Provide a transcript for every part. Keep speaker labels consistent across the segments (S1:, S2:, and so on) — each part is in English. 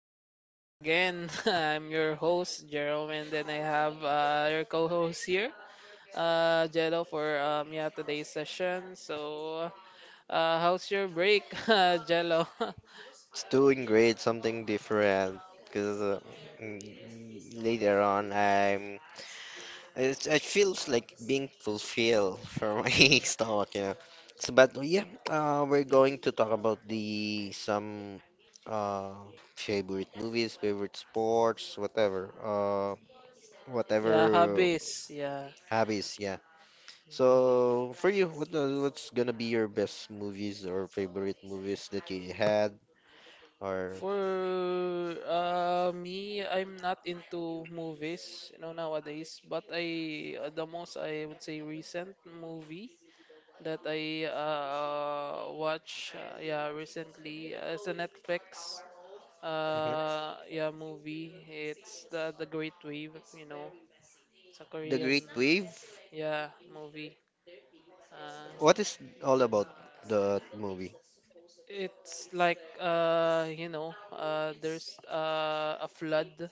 S1: We're here again. I'm your host, Jerome, and then I have your co-host here, Jello, for yeah, today's session. So, how's your break, Jello?
S2: Doing great, something different. Because uh, mm, later on, I'm, it feels like being fulfilled for my stomach, you know. We're going to talk about the some uh favorite movies, favorite sports, whatever, whatever
S1: Yeah, hobbies, yeah.
S2: hobbies. Yeah. So for you, what's gonna be your best movies or favorite movies that you had or?
S1: For me, I'm not into movies, you know, nowadays, but I the most I would say recent movie that I watch yeah recently. It's a Netflix
S2: Mhm.
S1: yeah movie. It's the Great Wave, you know. It's a
S2: The
S1: Korean
S2: Great Wave?
S1: yeah movie. Uh,
S2: What is all
S1: th-
S2: about
S1: th-
S2: the movie?
S1: it's like you know there's a flood.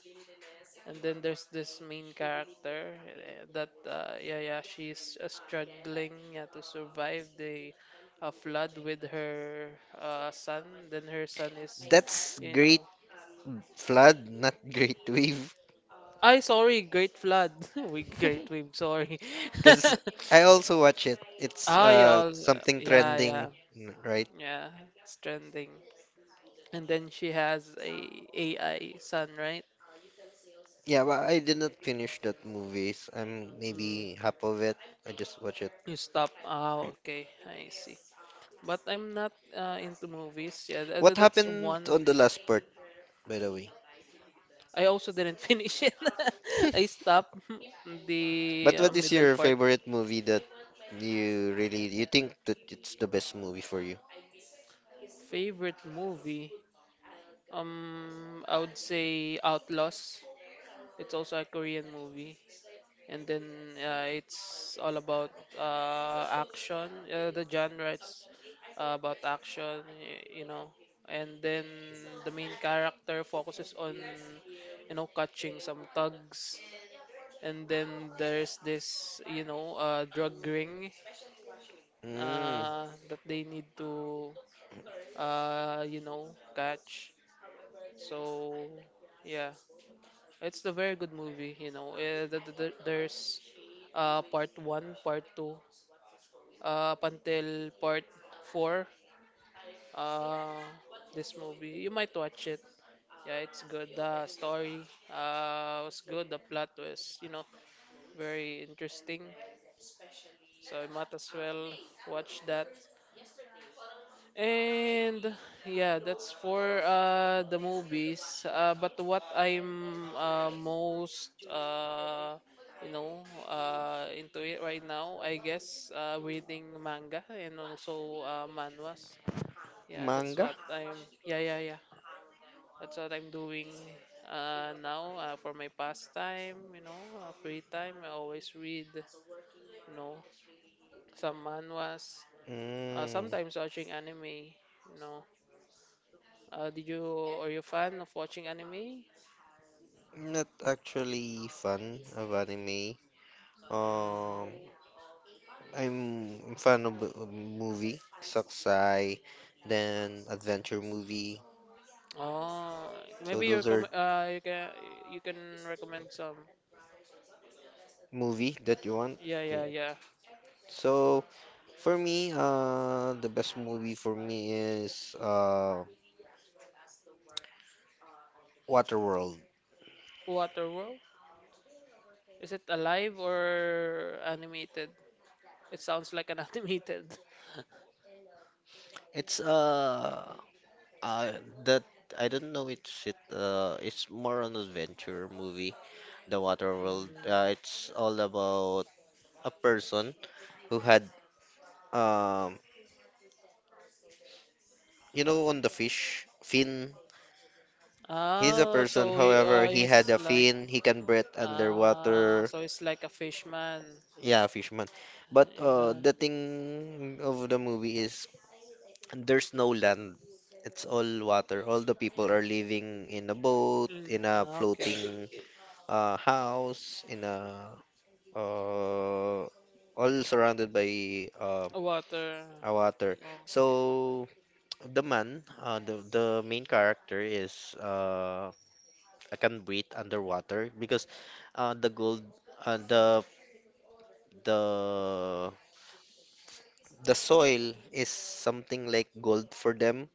S1: And then there's this main character that she's struggling, yeah, to survive the flood with her son. Then her son is
S2: That's
S1: you
S2: Great
S1: know
S2: Flood, not Great Wave.
S1: I sorry great flood we great wave sorry.
S2: Because I also watch it. It's
S1: Ah yeah all
S2: something
S1: yeah
S2: trending,
S1: yeah
S2: right?
S1: yeah it's. And then she has a AI son, right?
S2: Yeah, but I did not finish that movies. I'm
S1: Mm,
S2: maybe half of it. I just watch it.
S1: you stop. Ah, okay, I see. But I'm not into movies. Yeah,
S2: What
S1: that's
S2: happened
S1: one.
S2: on the last part, by the way?
S1: I also didn't finish it. I stopped
S2: But
S1: the
S2: what is
S1: middle
S2: your
S1: part.
S2: favorite movie that you think that it's the best movie for you?
S1: Favorite movie? I would say Outlaws. It's also a Korean movie. And then it's all about action. The genre is about action, you know. And then the main character focuses on, you know, catching some thugs. And then there's this, you know, drug ring
S2: Mm,
S1: that they need to, you know, catch. So, yeah, it's a very good movie, you know. There's part 1, part 2, up until part 4, uh, this movie. You might watch it. Yeah, it's good. The story was good. The plot was, you know, very interesting. So I might as well watch that. And yeah, that's for the movies. But what I'm most you know into it right now, I guess, reading manga and also manhwas. Yeah, that's
S2: manga?
S1: what I'm. Yeah, yeah, yeah. That's what I'm doing now for my pastime. You know, free time. I always read. You know, some manhwas.
S2: Mm.
S1: Sometimes watching anime. You know. Did you Are you a fan of watching anime?
S2: Not actually fan of anime. Um,
S1: Mm,
S2: I'm fan of of movie, Sakusai, then adventure movie.
S1: oh,
S2: So
S1: maybe you
S2: those are
S1: recommend you can recommend some.
S2: movie that you want.
S1: Yeah, yeah,
S2: Yeah.
S1: yeah.
S2: So for me, the best movie for me is Waterworld.
S1: Waterworld? Is it alive or animated? It sounds like an animated.
S2: It's uh that I don't know. It's more an adventure movie. The Waterworld.
S1: Mm.
S2: It's all about a person who had Um, you know, on the fish, fin. He's a
S1: Oh,
S2: person,
S1: so
S2: however, he
S1: he's
S2: had a
S1: like.
S2: fin. He can breathe
S1: Ah,
S2: underwater.
S1: so he's like a fishman.
S2: Yeah, fishman. But
S1: Yeah.
S2: the thing of the movie is there's no land. It's all water. All the people are living in a boat,
S1: Mm,
S2: in a
S1: okay.
S2: floating house, in a uh, all surrounded by
S1: Water.
S2: a water.
S1: Okay.
S2: So the main character is I can breathe underwater because uh, the gold uh, the the the soil is something like gold for them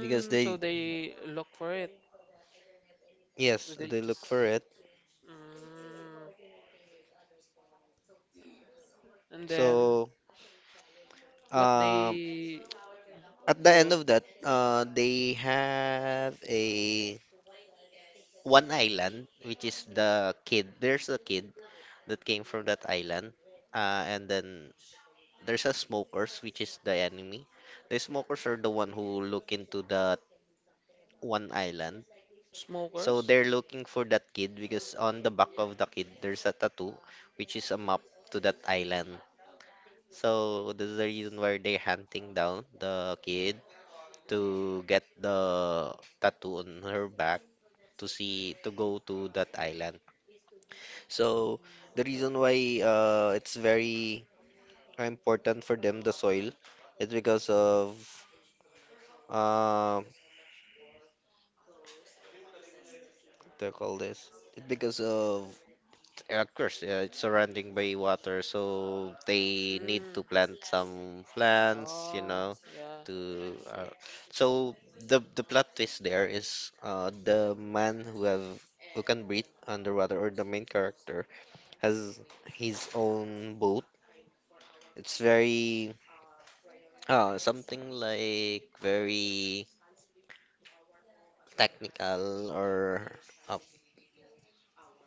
S2: because
S1: so
S2: they
S1: they look for it.
S2: yes
S1: They
S2: they look for
S1: just
S2: it.
S1: mm, and then
S2: So
S1: what
S2: um
S1: they
S2: at the
S1: do
S2: end
S1: on
S2: of
S1: the
S2: that they have a one island, which is the kid. There's a kid that came from that island, and then there's a smokers, which is the enemy. The smokers are the one who look into that one island. So
S1: smokers?
S2: they're looking for that kid because on the back of the kid there's a tattoo which is a map to that island. So this is the reason why they're hunting down the kid to get the tattoo on her back to see to go to that island. So
S1: Mm,
S2: the reason why it's very important for them the soil is because of uh, they call this it's because of, yeah. Of course, yeah, it's surrounding by water, so they need
S1: mm.
S2: to plant some plants, you
S1: Oh
S2: know,
S1: yeah,
S2: to
S1: I see.
S2: so the plot twist there is the man who have, who can breathe underwater, or the main character, has his own boat. It's very something like very technical or uh,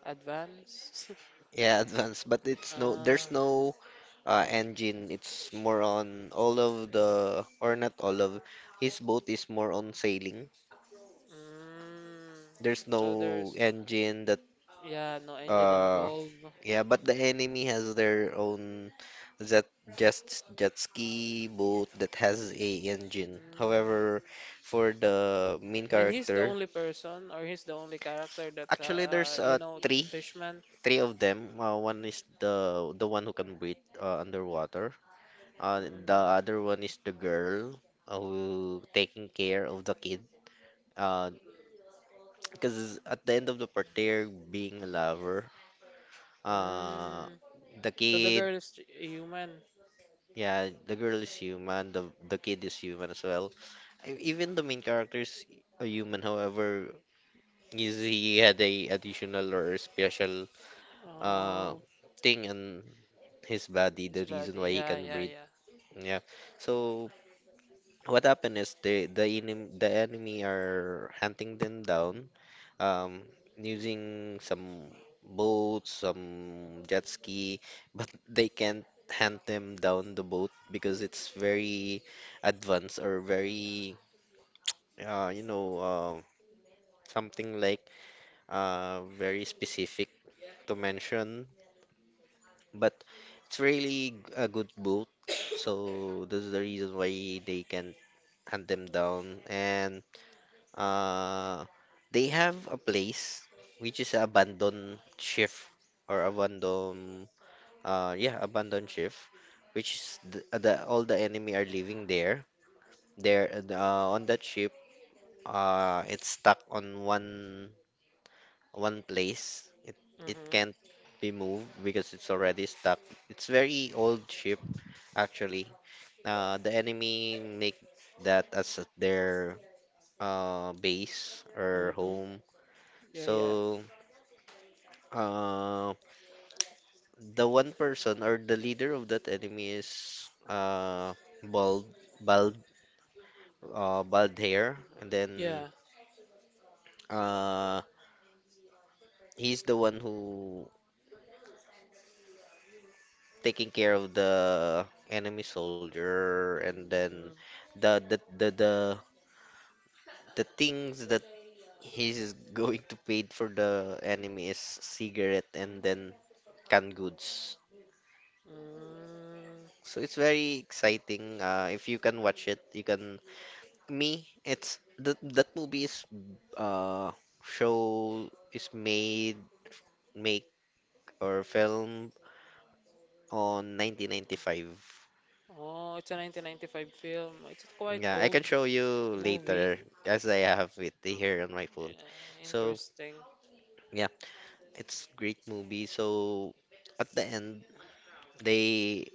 S1: Advance.
S2: yeah, advanced, but it's no, there's
S1: Ah,
S2: no engine. It's more on all of the, or not all of, his boat is more on sailing.
S1: mm.
S2: There's
S1: So
S2: no
S1: there's
S2: engine that,
S1: yeah, no engine
S2: uh,
S1: involved.
S2: yeah, but the enemy has their own jet, jet ski boat that has a engine.
S1: Mm.
S2: However, for the main
S1: And he's the
S2: character,
S1: only person, or he's the only character that
S2: actually there's
S1: you know, Fishman.
S2: three of them. One is the one who can breathe underwater. The
S1: Mm.
S2: other one is the girl who taking care of the kid. Uh, because at the end of the partner being a lover, uh,
S1: Mm.
S2: the
S1: So the
S2: kid,
S1: girl is human.
S2: yeah, the girl is human, the kid is human as well. E- Even the main character is a human. However, he had a additional or special uh
S1: Oh.
S2: thing on his body,
S1: His
S2: the reason
S1: body.
S2: why he
S1: Yeah,
S2: can
S1: yeah,
S2: breathe.
S1: yeah.
S2: Yeah. So what happened is the enemy are hunting them down um using some boats, some jet ski, but they can't hunt them down the boat because it's very advanced or very uh you know uh, something like very specific to mention, but it's really a good boat. So this is the reason why they can hunt them down. And Uh, they have a place which is a abandoned shift or abandoned yeah abandoned shift, which is the, all the enemy are living there, on that ship. It's stuck on one place. It
S1: Mhm.
S2: can't be moved because it's already stuck. It's very old ship. Actually the enemy make that as their base or
S1: Mhm.
S2: home.
S1: Yeah, yeah.
S2: So Uh, the one person or the leader of that enemy is bald, bald, bald hair, and then
S1: Yeah.
S2: uh he's the one who taking care of the enemy soldier, and then
S1: Mm,
S2: the the the the, the things that he's going to pay for the enemy is cigarette and then canned goods.
S1: mm.
S2: So it's very exciting. If you can watch it, you can. Me, it's that that movie is uh show is made make or film on 1995.
S1: Oh, it's a 1995 film. It's a quite
S2: Yeah, I
S1: old
S2: can show you
S1: movie.
S2: later as I have it here on my phone.
S1: Yeah,
S2: So
S1: interesting.
S2: yeah, it's great movie. So at the end, they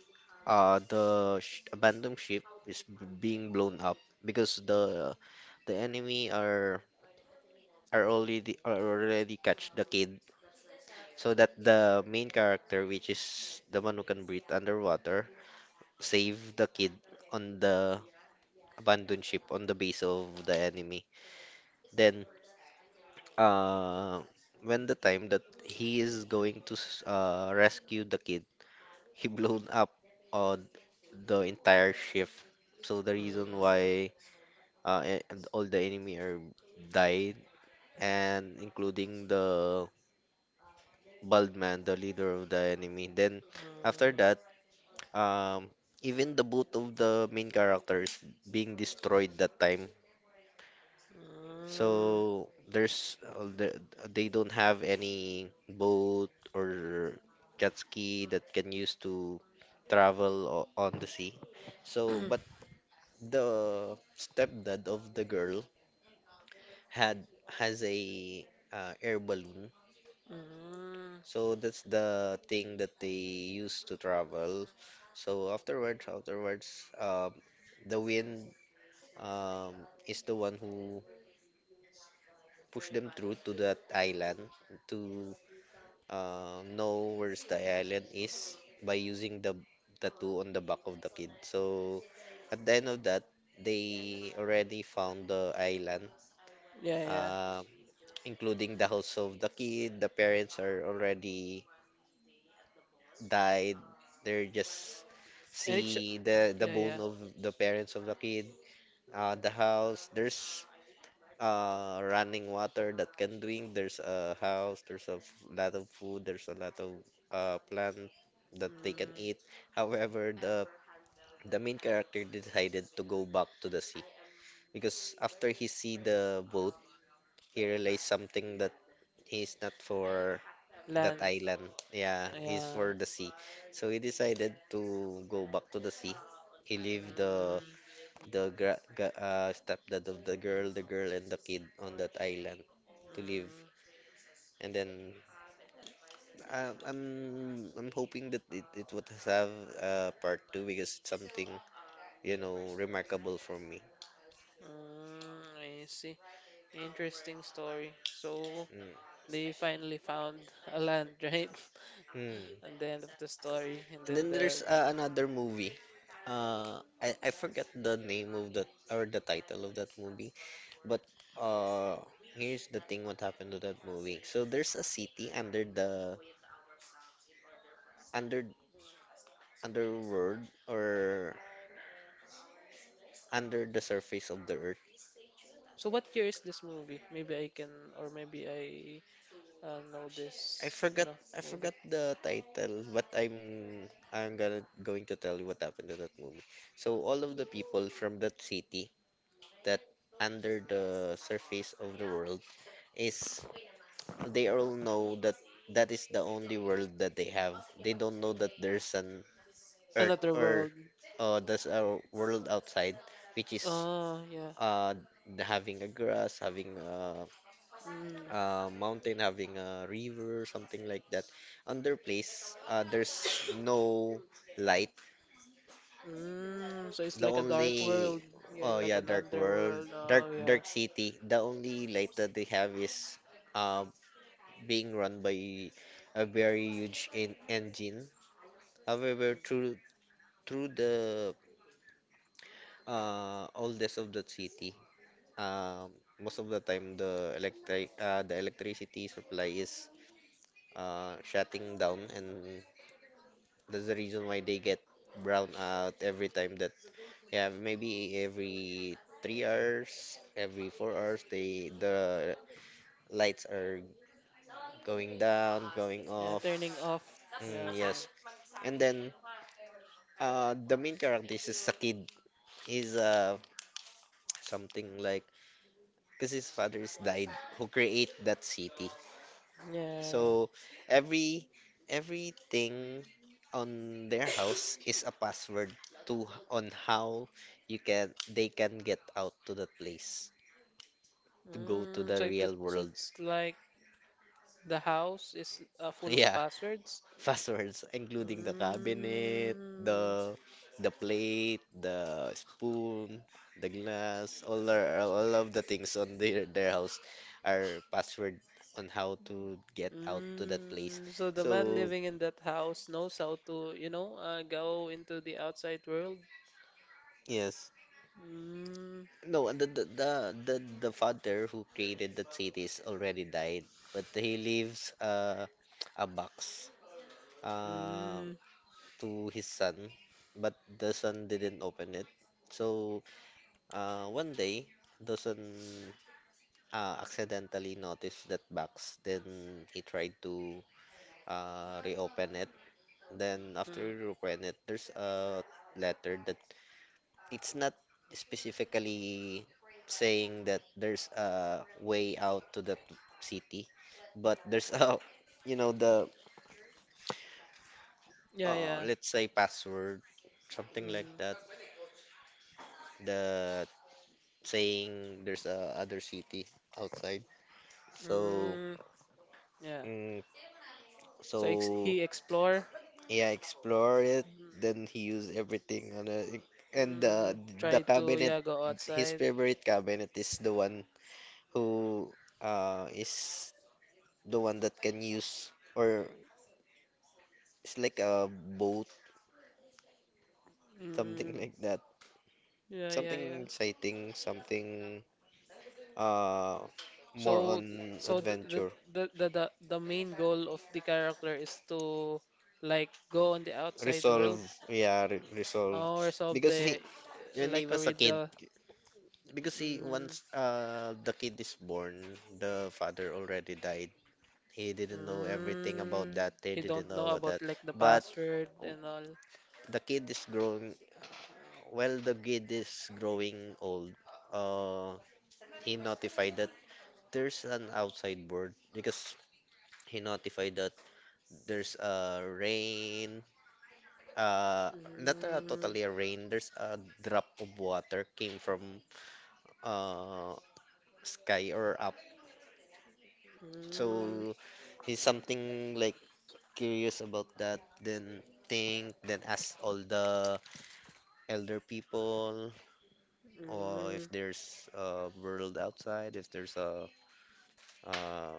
S2: the sh abandoned ship is being blown up because the enemy are already catch the kid. So that the main character, which is the one who can breathe underwater, save the kid on the abandoned ship, on the base of the enemy. Then, uh, when the time that he is going to rescue the kid, he blown up on the entire ship. So the reason
S1: Mm,
S2: why and all the enemy are died, and including the bald man, the leader of the enemy. Then after
S1: mm,
S2: that, um even the boot of the main character is being destroyed that time.
S1: mm.
S2: So there's they don't have any boat or jet ski that can use to travel on the sea. So but the stepdad of the girl had has a air balloon.
S1: Mm.
S2: So that's the thing that they used to travel. So afterwards, the wind, um, is the one who pushed them through to that island to, know where's the island is, by using the tattoo on the back of the kid. So at the end of that, they already found the island,
S1: Yeah, yeah.
S2: um, including the house of the kid. The parents are already died. They're just
S1: And it's
S2: see the
S1: yeah,
S2: bone
S1: yeah.
S2: of the parents of the kid. The house. There's running water that can drink. There's a house. There's a lot of food. There's a lot of plant that they can
S1: Mm.
S2: eat. However, the main character decided to go back to the sea because after he see the boat, he realized something, that he's not for that
S1: Land.
S2: island. Yeah, he's
S1: Yeah.
S2: for the sea. So he decided to go back to the sea. He leave the
S1: Mm.
S2: stepdad of the girl, the girl, and the kid on that island to live.
S1: Mm.
S2: And then I'm hoping that it would have part two because it's something, you know, remarkable for me.
S1: Mm. I see. Interesting story. So
S2: Mm.
S1: they finally found a land, right?
S2: Hmm.
S1: At the end of the story, and
S2: And
S1: then
S2: then there's
S1: the.
S2: another movie. I forget the name of that or the title of that movie, but uh, here's the thing: what happened to that movie? So there's a city under the under underworld or under the surface of the earth.
S1: So what year is this movie? Maybe I can, or maybe I know
S2: I
S1: this, you
S2: forgot
S1: know,
S2: I
S1: movie.
S2: forgot the title, but I'm gonna going to tell you what happened to that movie. So all of the people from that city that under the surface of the world is, they all know that that is the only world that they have. They don't know that there's an earth,
S1: Another
S2: or
S1: world.
S2: there's a world outside which is
S1: Oh yeah.
S2: uh having a grass, having
S1: Mm.
S2: mountain, having a river, something like that. On their place, there's no light.
S1: Mm. So it's
S2: The
S1: like a dark
S2: only,
S1: world. Yeah,
S2: oh
S1: like
S2: yeah,
S1: an
S2: dark world,
S1: underworld. Oh yeah.
S2: dark city. The only light that they have is uh, being run by a very huge en engine.
S1: Mm.
S2: However, through the oldest of the city, um, most of the time the electricity supply is shutting down. And that's the reason why they get brown out every time, that yeah, maybe every three hours, every four hours they, the lights are going down, going
S1: Yeah, turning
S2: off.
S1: off. Yeah,
S2: Mm,
S1: turning.
S2: yes, and then the main character is a kid. He's something like, because his father's died, who create that city.
S1: Yeah.
S2: So every everything on their house is a password, to on how you can they can get out to that place, to go to
S1: Mm,
S2: the
S1: so, it,
S2: real
S1: so
S2: world.
S1: it's like. The house is full of
S2: Yeah,
S1: passwords.
S2: passwords including the cabinet,
S1: Mm,
S2: the plate, the spoon, the glass, all of the things on their house are password on how to get out to that place.
S1: mm. So the man
S2: So
S1: living in that house knows how to, you know, go into the outside world.
S2: yes.
S1: Mm,
S2: No, the father who created that cities already died, but he leaves a box, uh,
S1: mm,
S2: to his son, but the son didn't open it. So one day, the son accidentally noticed that box. Then he tried to reopen it. Then after he
S1: mm.
S2: reopened it, there's a letter that it's not specifically saying that there's a way out to that city, but there's a, the,
S1: Yeah, yeah.
S2: let's say password, something like
S1: Mm,
S2: that, that saying there's a other city outside. So,
S1: mm, yeah.
S2: mm,
S1: So ex
S2: so
S1: he explore,
S2: yeah, explore it. Then he used everything on a, and
S1: mm,
S2: the
S1: try to
S2: cabinet,
S1: yeah go
S2: his
S1: outside.
S2: favorite cabinet is the one who is the one that can use or it's like a boat, something
S1: Mm,
S2: like that.
S1: yeah, yeah, yeah.
S2: Something exciting, something uh more
S1: So,
S2: on
S1: so
S2: adventure.
S1: the main goal of the character is to like go on the outside
S2: Resolve,
S1: world
S2: yeah, re resolve.
S1: or solve
S2: Because
S1: the
S2: he when he
S1: like a
S2: was a kid,
S1: riddle.
S2: because he
S1: Mm,
S2: once the kid is born, the father already died. He didn't know everything about
S1: mm,
S2: that. They
S1: you
S2: didn't
S1: don't
S2: know
S1: know
S2: about
S1: about
S2: that.
S1: like the
S2: But
S1: password
S2: w-
S1: and all.
S2: the kid is growing, while the kid is growing old, uh, he notified that there's an outside board because he notified that there's a rain, uh, not a,
S1: Mm,
S2: totally a rain, there's a drop of water came from uh, sky or up.
S1: mm, mm,
S2: So he's something like curious about that, then think, then ask all the elder people or if there's a world outside, if there's a uh,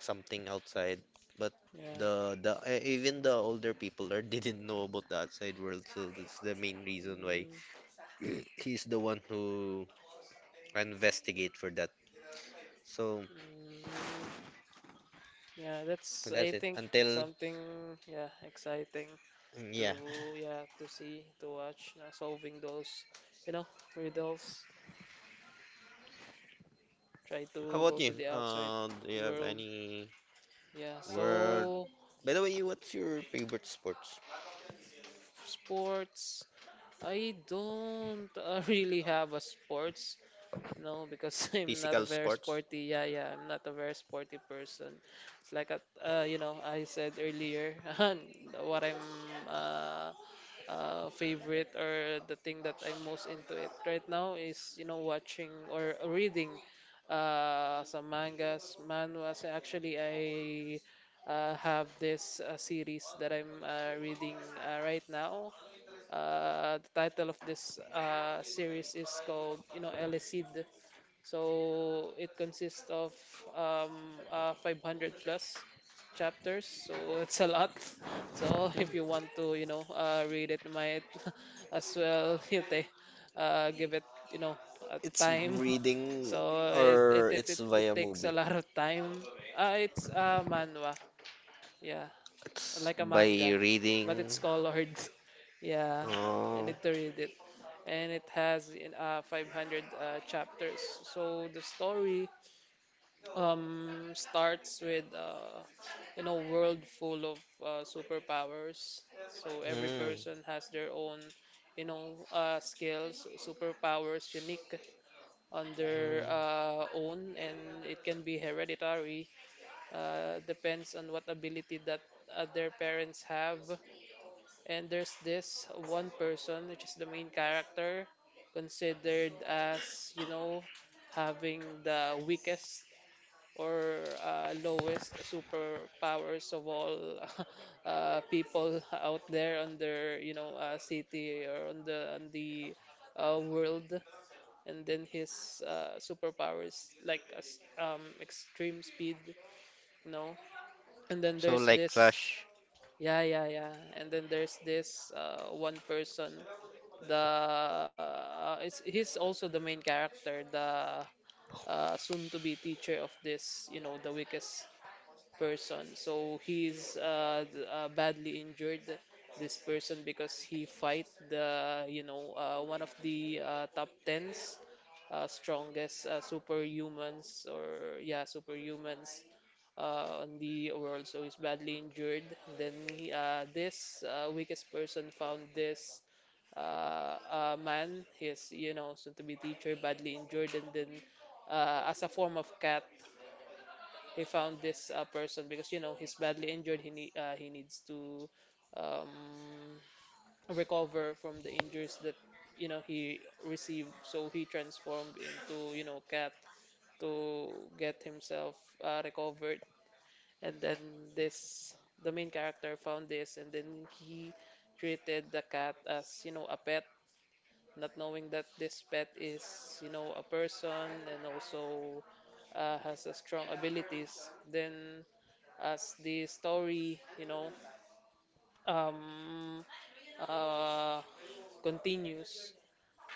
S2: something outside. But
S1: yeah.
S2: even the older people are didn't know about the outside world, so that's the main reason why
S1: Mm,
S2: he's the one who investigate for that. So
S1: mm, yeah, that's I
S2: that's it.
S1: think
S2: Until
S1: something yeah exciting.
S2: mm, yeah.
S1: To yeah to see to watch solving those you know riddles try
S2: How
S1: to
S2: about
S1: go to
S2: you?
S1: the outside
S2: Do you have
S1: world
S2: any
S1: yeah
S2: word?
S1: so
S2: By the way, what's your favorite sports?
S1: sports. I don't really have a sports no because I'm not a
S2: Physical
S1: very
S2: sports?
S1: sporty yeah yeah I'm not a very sporty person. It's like a, you know I said earlier what I'm uh, favorite or the thing that I'm most into it right now is you know watching or reading some mangas, manhwas. Actually, I have this series that I'm reading right now. The title of this series is called you know El Cid. So it consists of 500 plus chapters, so it's a lot. So
S2: Hmm.
S1: if you want to, you know, read it, might as well you take, give it, you know, a
S2: It's
S1: time.
S2: reading
S1: So it it,
S2: or
S1: it,
S2: it's
S1: it, it
S2: via
S1: takes a
S2: movie.
S1: lot of time. It's a manhwa, yeah
S2: It's
S1: like a
S2: by
S1: manga, but
S2: reading.
S1: it's colored. Yeah, you
S2: Uh,
S1: need to read it, and it has in 500 chapters. So the story starts with you know world full of superpowers. So every
S2: mm.
S1: person has their own you know skills, superpowers unique on their
S2: Mm,
S1: own, and it can be hereditary. Depends on what ability that their parents have. And there's this one person, which is the main character, considered as, you know, having the weakest or lowest superpowers of all people out there on their, you know, city or on the world. And then his superpowers like extreme speed, you know. And then
S2: so
S1: there's
S2: like
S1: this,
S2: Rush.
S1: yeah, yeah, yeah. And then there's this one person, the it's he's also the main character, the soon to be teacher of this, you know, the weakest person. So he's badly injured this person because he fight the you know one of the top tens strongest superhumans or superhumans on the world, so he's badly injured. Then this weakest person found this a man, his you know soon to be teacher, badly injured, and then as a form of cat, he found this person because you know he's badly injured. He needs to um, recover from the injuries that you know he received. So he transformed into you know cat to get himself recovered, and then this the main character found this, and then he treated the cat as you know a pet, not knowing that this pet is, you know, a person and also has a strong abilities. Then, as the story, you know, um, uh, continues,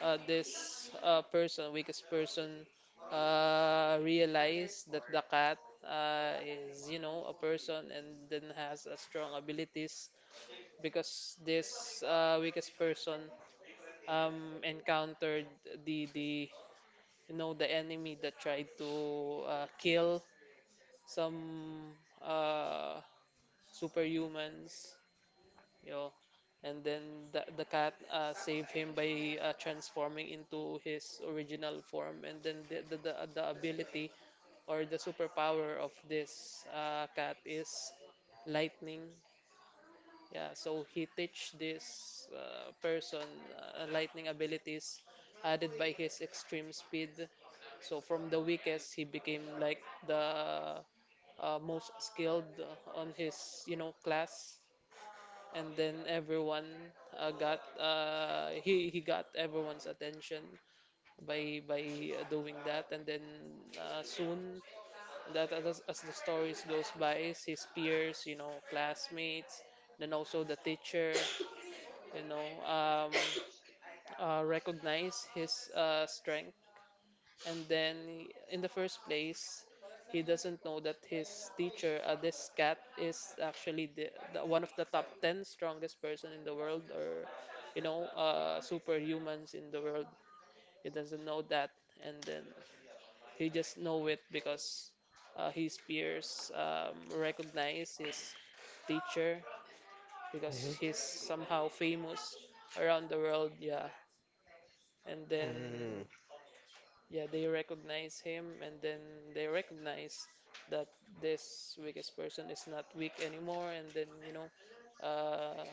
S1: this weakest person, realize that the cat is, you know, a person and then has a strong abilities, because this weakest person encountered the you know the enemy that tried to kill some uh, superhumans you know, and then the cat saved him by transforming into his original form, and then the ability or the superpower of this cat is lightning. Yeah, so he teach this person lightning abilities added by his extreme speed. So from the weakest, he became like the most skilled on his you know class, and then everyone got he got everyone's attention by doing that, and then soon that as the stories goes by, his peers, you know, classmates, then also the teacher, you know, recognize his strength. And then, in the first place, he doesn't know that his teacher, this cat, is actually the one of the top 10 strongest person in the world, or you know, superhumans in the world. He doesn't know that, and then he just know it because his peers recognize his teacher because
S2: Hmm.
S1: he's somehow famous around the world. Yeah, and then
S2: Mm,
S1: yeah they recognize him and then they recognize that this weakest person is not weak anymore, and then you know uh,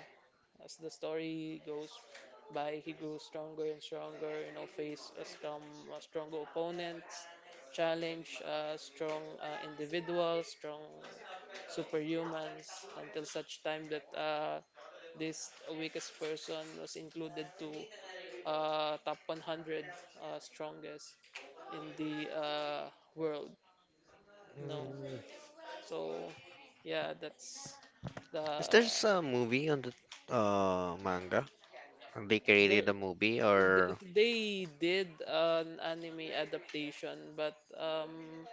S1: as the story goes by, he grew stronger and stronger, you know, face a strong a stronger opponents, challenge strong individuals, strong superhumans, until such time that this weakest person was included to top 100 strongest in the world. No,
S2: mm.
S1: so yeah, that's
S2: Is
S1: the
S2: there a movie on the manga? They
S1: there.
S2: created a movie or
S1: They did an anime adaptation, but um,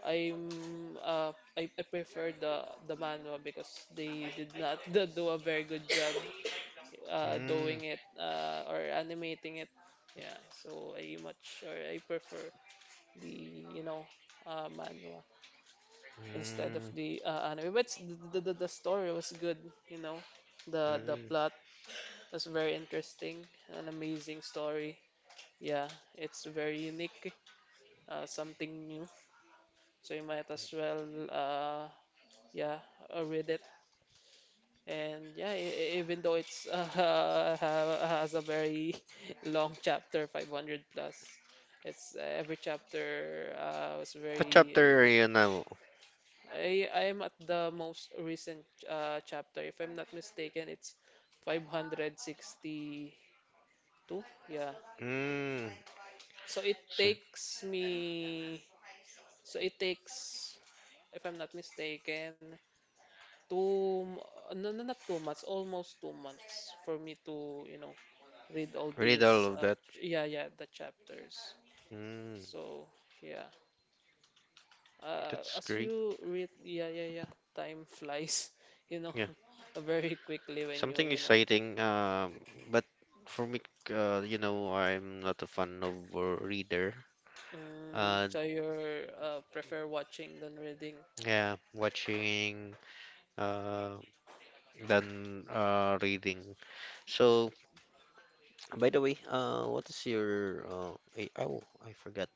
S1: I'm uh, I, I prefer the manhwa because they did not do a very good job
S2: mm,
S1: doing it or animating it. Yeah, so I much or I prefer the you know manhwa. Instead of
S2: mm,
S1: the anime. The story was good, you know. The
S2: mm.
S1: plot was very interesting, an amazing story. Yeah, it's very unique, something new. So you might as well, uh, yeah, read it. And yeah, even though it's has a very long chapter, 500 plus, it's every chapter, was
S2: What
S1: very, you
S2: chapter are you now?
S1: I am at the most recent chapter. If I'm not mistaken, it's 562. Yeah.
S2: Mm,
S1: So it
S2: so
S1: takes me. So it takes, if I'm not mistaken, two. m- No, no, not 2 months. Almost 2 months for me to, you know, read all
S2: read all
S1: these.
S2: of that.
S1: Yeah, yeah, the chapters.
S2: Mm,
S1: So yeah.
S2: that's
S1: As
S2: great.
S1: you read, yeah, yeah, yeah. Time flies. You know,
S2: Yeah,
S1: very quickly when you,
S2: something
S1: you know.
S2: exciting. But for me, I'm not a fan of a reader.
S1: Mm,
S2: Uh,
S1: so you're prefer watching than reading?
S2: yeah, watching. Uh, than reading. So, by the way, what is your oh, I forgot.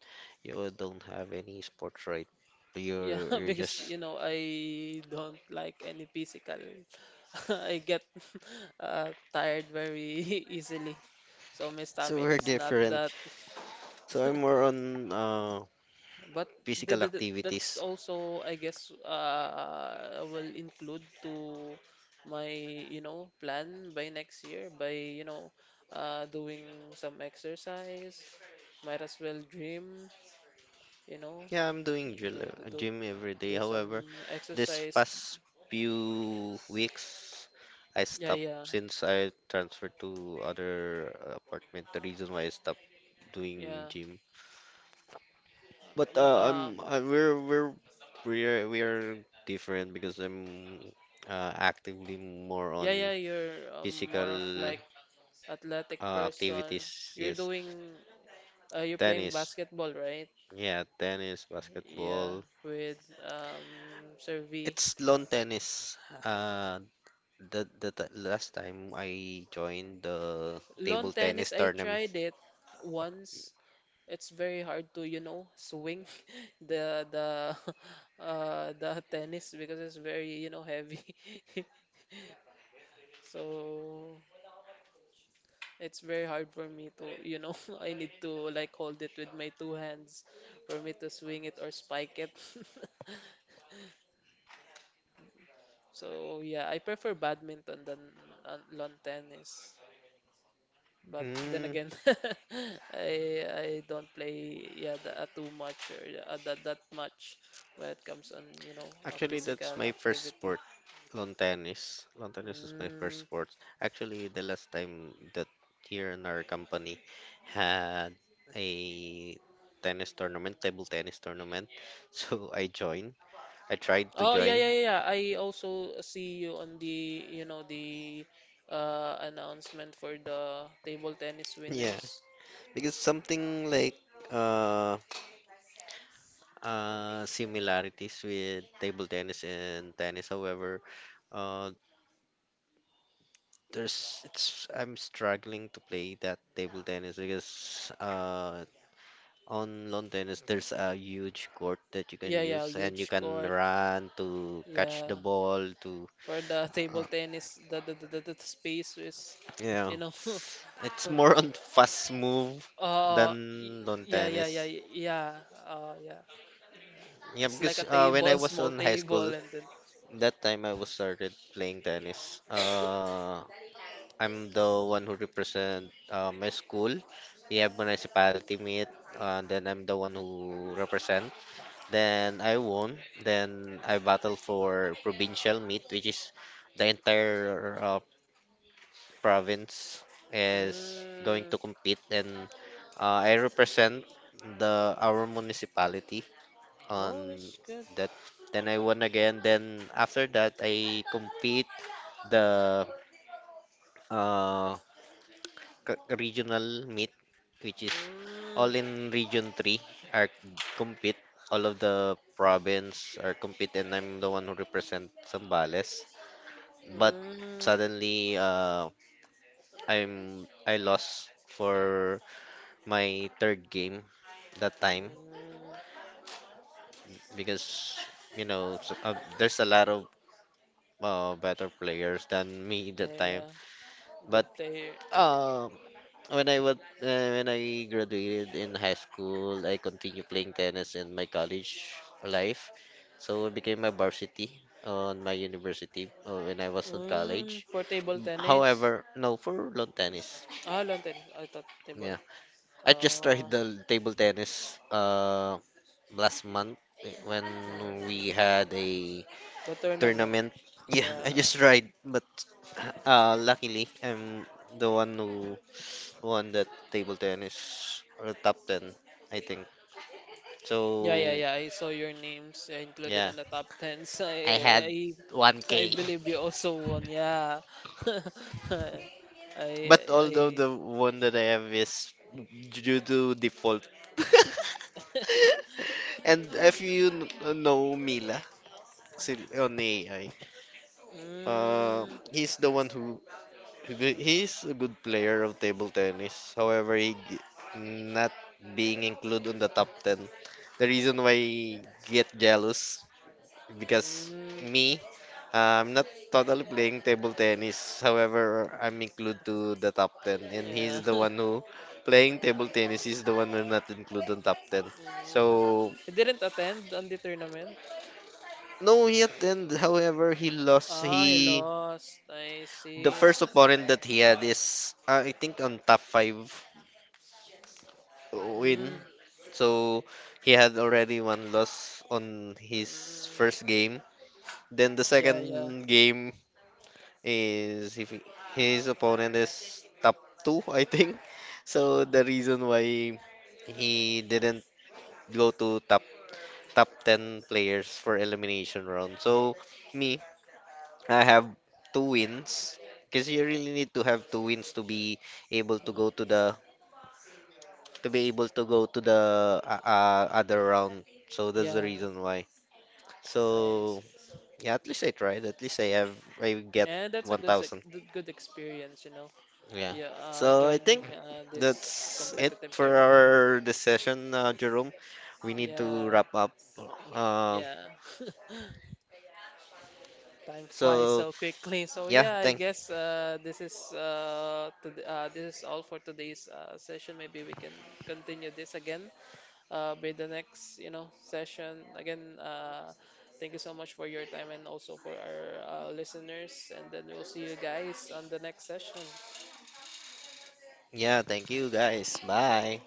S2: You don't have any sports, right?
S1: Yeah,
S2: You're you're
S1: because
S2: just
S1: you know I don't like any physical. I get tired very easily, so my stamina
S2: super
S1: is not
S2: different.
S1: that.
S2: So I'm more on
S1: But
S2: physical
S1: that's
S2: activities.
S1: also I guess will include to my you know plan by next year by you know doing some exercise. Might as well dream, you know,
S2: Yeah, I'm doing gym,
S1: do do do,
S2: gym every day.
S1: do
S2: However,
S1: some
S2: this
S1: exercise.
S2: past few weeks, I
S1: Yeah,
S2: stopped
S1: yeah,
S2: since I transferred to other apartment. The reason why I stopped doing
S1: yeah.
S2: gym. But
S1: Um, um,
S2: we are different because I'm actively more
S1: yeah,
S2: on
S1: yeah. You're more of
S2: physical
S1: like athletic person.
S2: activities.
S1: You're
S2: Yes,
S1: doing. You're playing
S2: tennis.
S1: basketball, right?
S2: Yeah, tennis,
S1: Yeah,
S2: basketball.
S1: with Servi.
S2: It's lawn tennis. Last time I joined the
S1: Lawn
S2: table
S1: tennis,
S2: tennis
S1: I
S2: tournament.
S1: tried it once. It's very hard to, you know, swing the the tennis because it's very, you know, heavy. So it's very hard for me to, you know, I need to like hold it with my two hands for me to swing it or spike it. So yeah, I prefer badminton than lawn tennis. But then
S2: Mm,
S1: again, I don't play yeah the, too much or that much when it comes on you know
S2: actually, that's
S1: physical
S2: my first
S1: activity.
S2: sport. Lawn tennis. Lawn tennis is my first
S1: Mm.
S2: sports. Actually, the last time that here in our company had a tennis tournament, table tennis tournament. So I joined. I tried to
S1: Oh yeah,
S2: join.
S1: yeah, yeah, yeah. I also see you on the, you know, the announcement for the table tennis
S2: Yeah,
S1: winners.
S2: because something like uh similarities with table tennis and tennis. However, uh there's it's I'm struggling to play that table tennis because on lawn tennis, there's a huge court that you can
S1: Yeah, yeah,
S2: use, and you
S1: huge
S2: can
S1: court.
S2: run to catch
S1: Yeah.
S2: the ball. To
S1: For the table
S2: uh,
S1: tennis, the space is
S2: yeah,
S1: you know.
S2: it's more on fast move
S1: Uh y-
S2: than lawn
S1: yeah, yeah, yeah,
S2: tennis.
S1: yeah. Yeah.
S2: Yeah,
S1: It's like
S2: because
S1: a
S2: when I
S1: table,
S2: was
S1: small
S2: on high school,
S1: table and then
S2: that time I was started playing tennis. I'm the one who represent my school. We have municipality meet, and then I'm the one who represent. Then I won. Then I battled for provincial meet, which is the entire province is going
S1: mm,
S2: to compete, and I represent the our municipality
S1: oh,
S2: on
S1: that's good.
S2: that. Then I won again. Then after that, I compete the uh, regional meet, which is all
S1: Mm,
S2: in Region 3 are compete. All of the province are compete, and I'm the one who represent Zambales.
S1: mm,
S2: But
S1: mm, mm.
S2: suddenly, I lost for my third game that time because there's a lot of better players than me
S1: Yeah,
S2: that time.
S1: yeah. Good
S2: But
S1: player.
S2: uh, when I was when I graduated in high school, I continued playing tennis in my college life. So I became a varsity on my university when I was in
S1: Mm,
S2: college.
S1: for table tennis.
S2: However, no, for lawn tennis.
S1: Ah, lawn tennis. I thought table.
S2: Yeah, I just
S1: Uh,
S2: tried the table tennis last month when we
S1: mm,
S2: had a
S1: the tournament.
S2: tournament. Yeah, I
S1: Yeah.
S2: just tried, but luckily I'm the one who won that table tennis or top 10, I think.
S1: Yeah, yeah,
S2: So,
S1: yeah. I saw your names, yeah, included
S2: yeah.
S1: in the top 10s.
S2: I had
S1: I
S2: 1K.
S1: believe you also won. Yeah. I,
S2: But although
S1: I.
S2: the one that I have is due to default. And if you know Mila on AI, uh,
S1: mm,
S2: he's the one he's a good player of table tennis. However, not being included on the top ten. The reason why he get jealous because
S1: mm,
S2: me, I'm not totally playing table tennis. However, I'm included to the top 10 and
S1: yeah.
S2: he's the one who playing table tennis. He's the one who not included on top 10. So,
S1: mm. He didn't attend on the tournament.
S2: no, he attended. However, he lost.
S1: Ah, he
S2: He
S1: lost. I
S2: the
S1: see.
S2: first opponent that he had is I think on top 5 win.
S1: Mm,
S2: So, he had already one loss on his
S1: mm,
S2: first game. Then the
S1: yeah, yeah,
S2: second game is if he- his opponent is top two, I think. So the reason why he didn't go to top ten players for elimination round. So me, I have two wins because you really need to have two wins to be able to go to the to be able to go to the other round. So that's the
S1: yeah.
S2: reason why.
S1: I
S2: So
S1: see.
S2: yeah, at least I tried. At least I have I get
S1: And that's a
S2: 1,000.
S1: good experience, you know.
S2: Yeah.
S1: Yeah,
S2: So I think
S1: joining this
S2: that's it
S1: competitive
S2: for
S1: tournament.
S2: our discussion, Jerome. We need to
S1: Yeah,
S2: wrap up. Uh,
S1: yeah. Time flies
S2: so
S1: so quickly. So
S2: yeah,
S1: yeah, I
S2: thank
S1: guess this is all for today's session. Maybe we can continue this again by the next, you know, session. Again, thank you so much for your time and also for our listeners. And then we'll see you guys on the next session.
S2: yeah, thank you guys. Bye.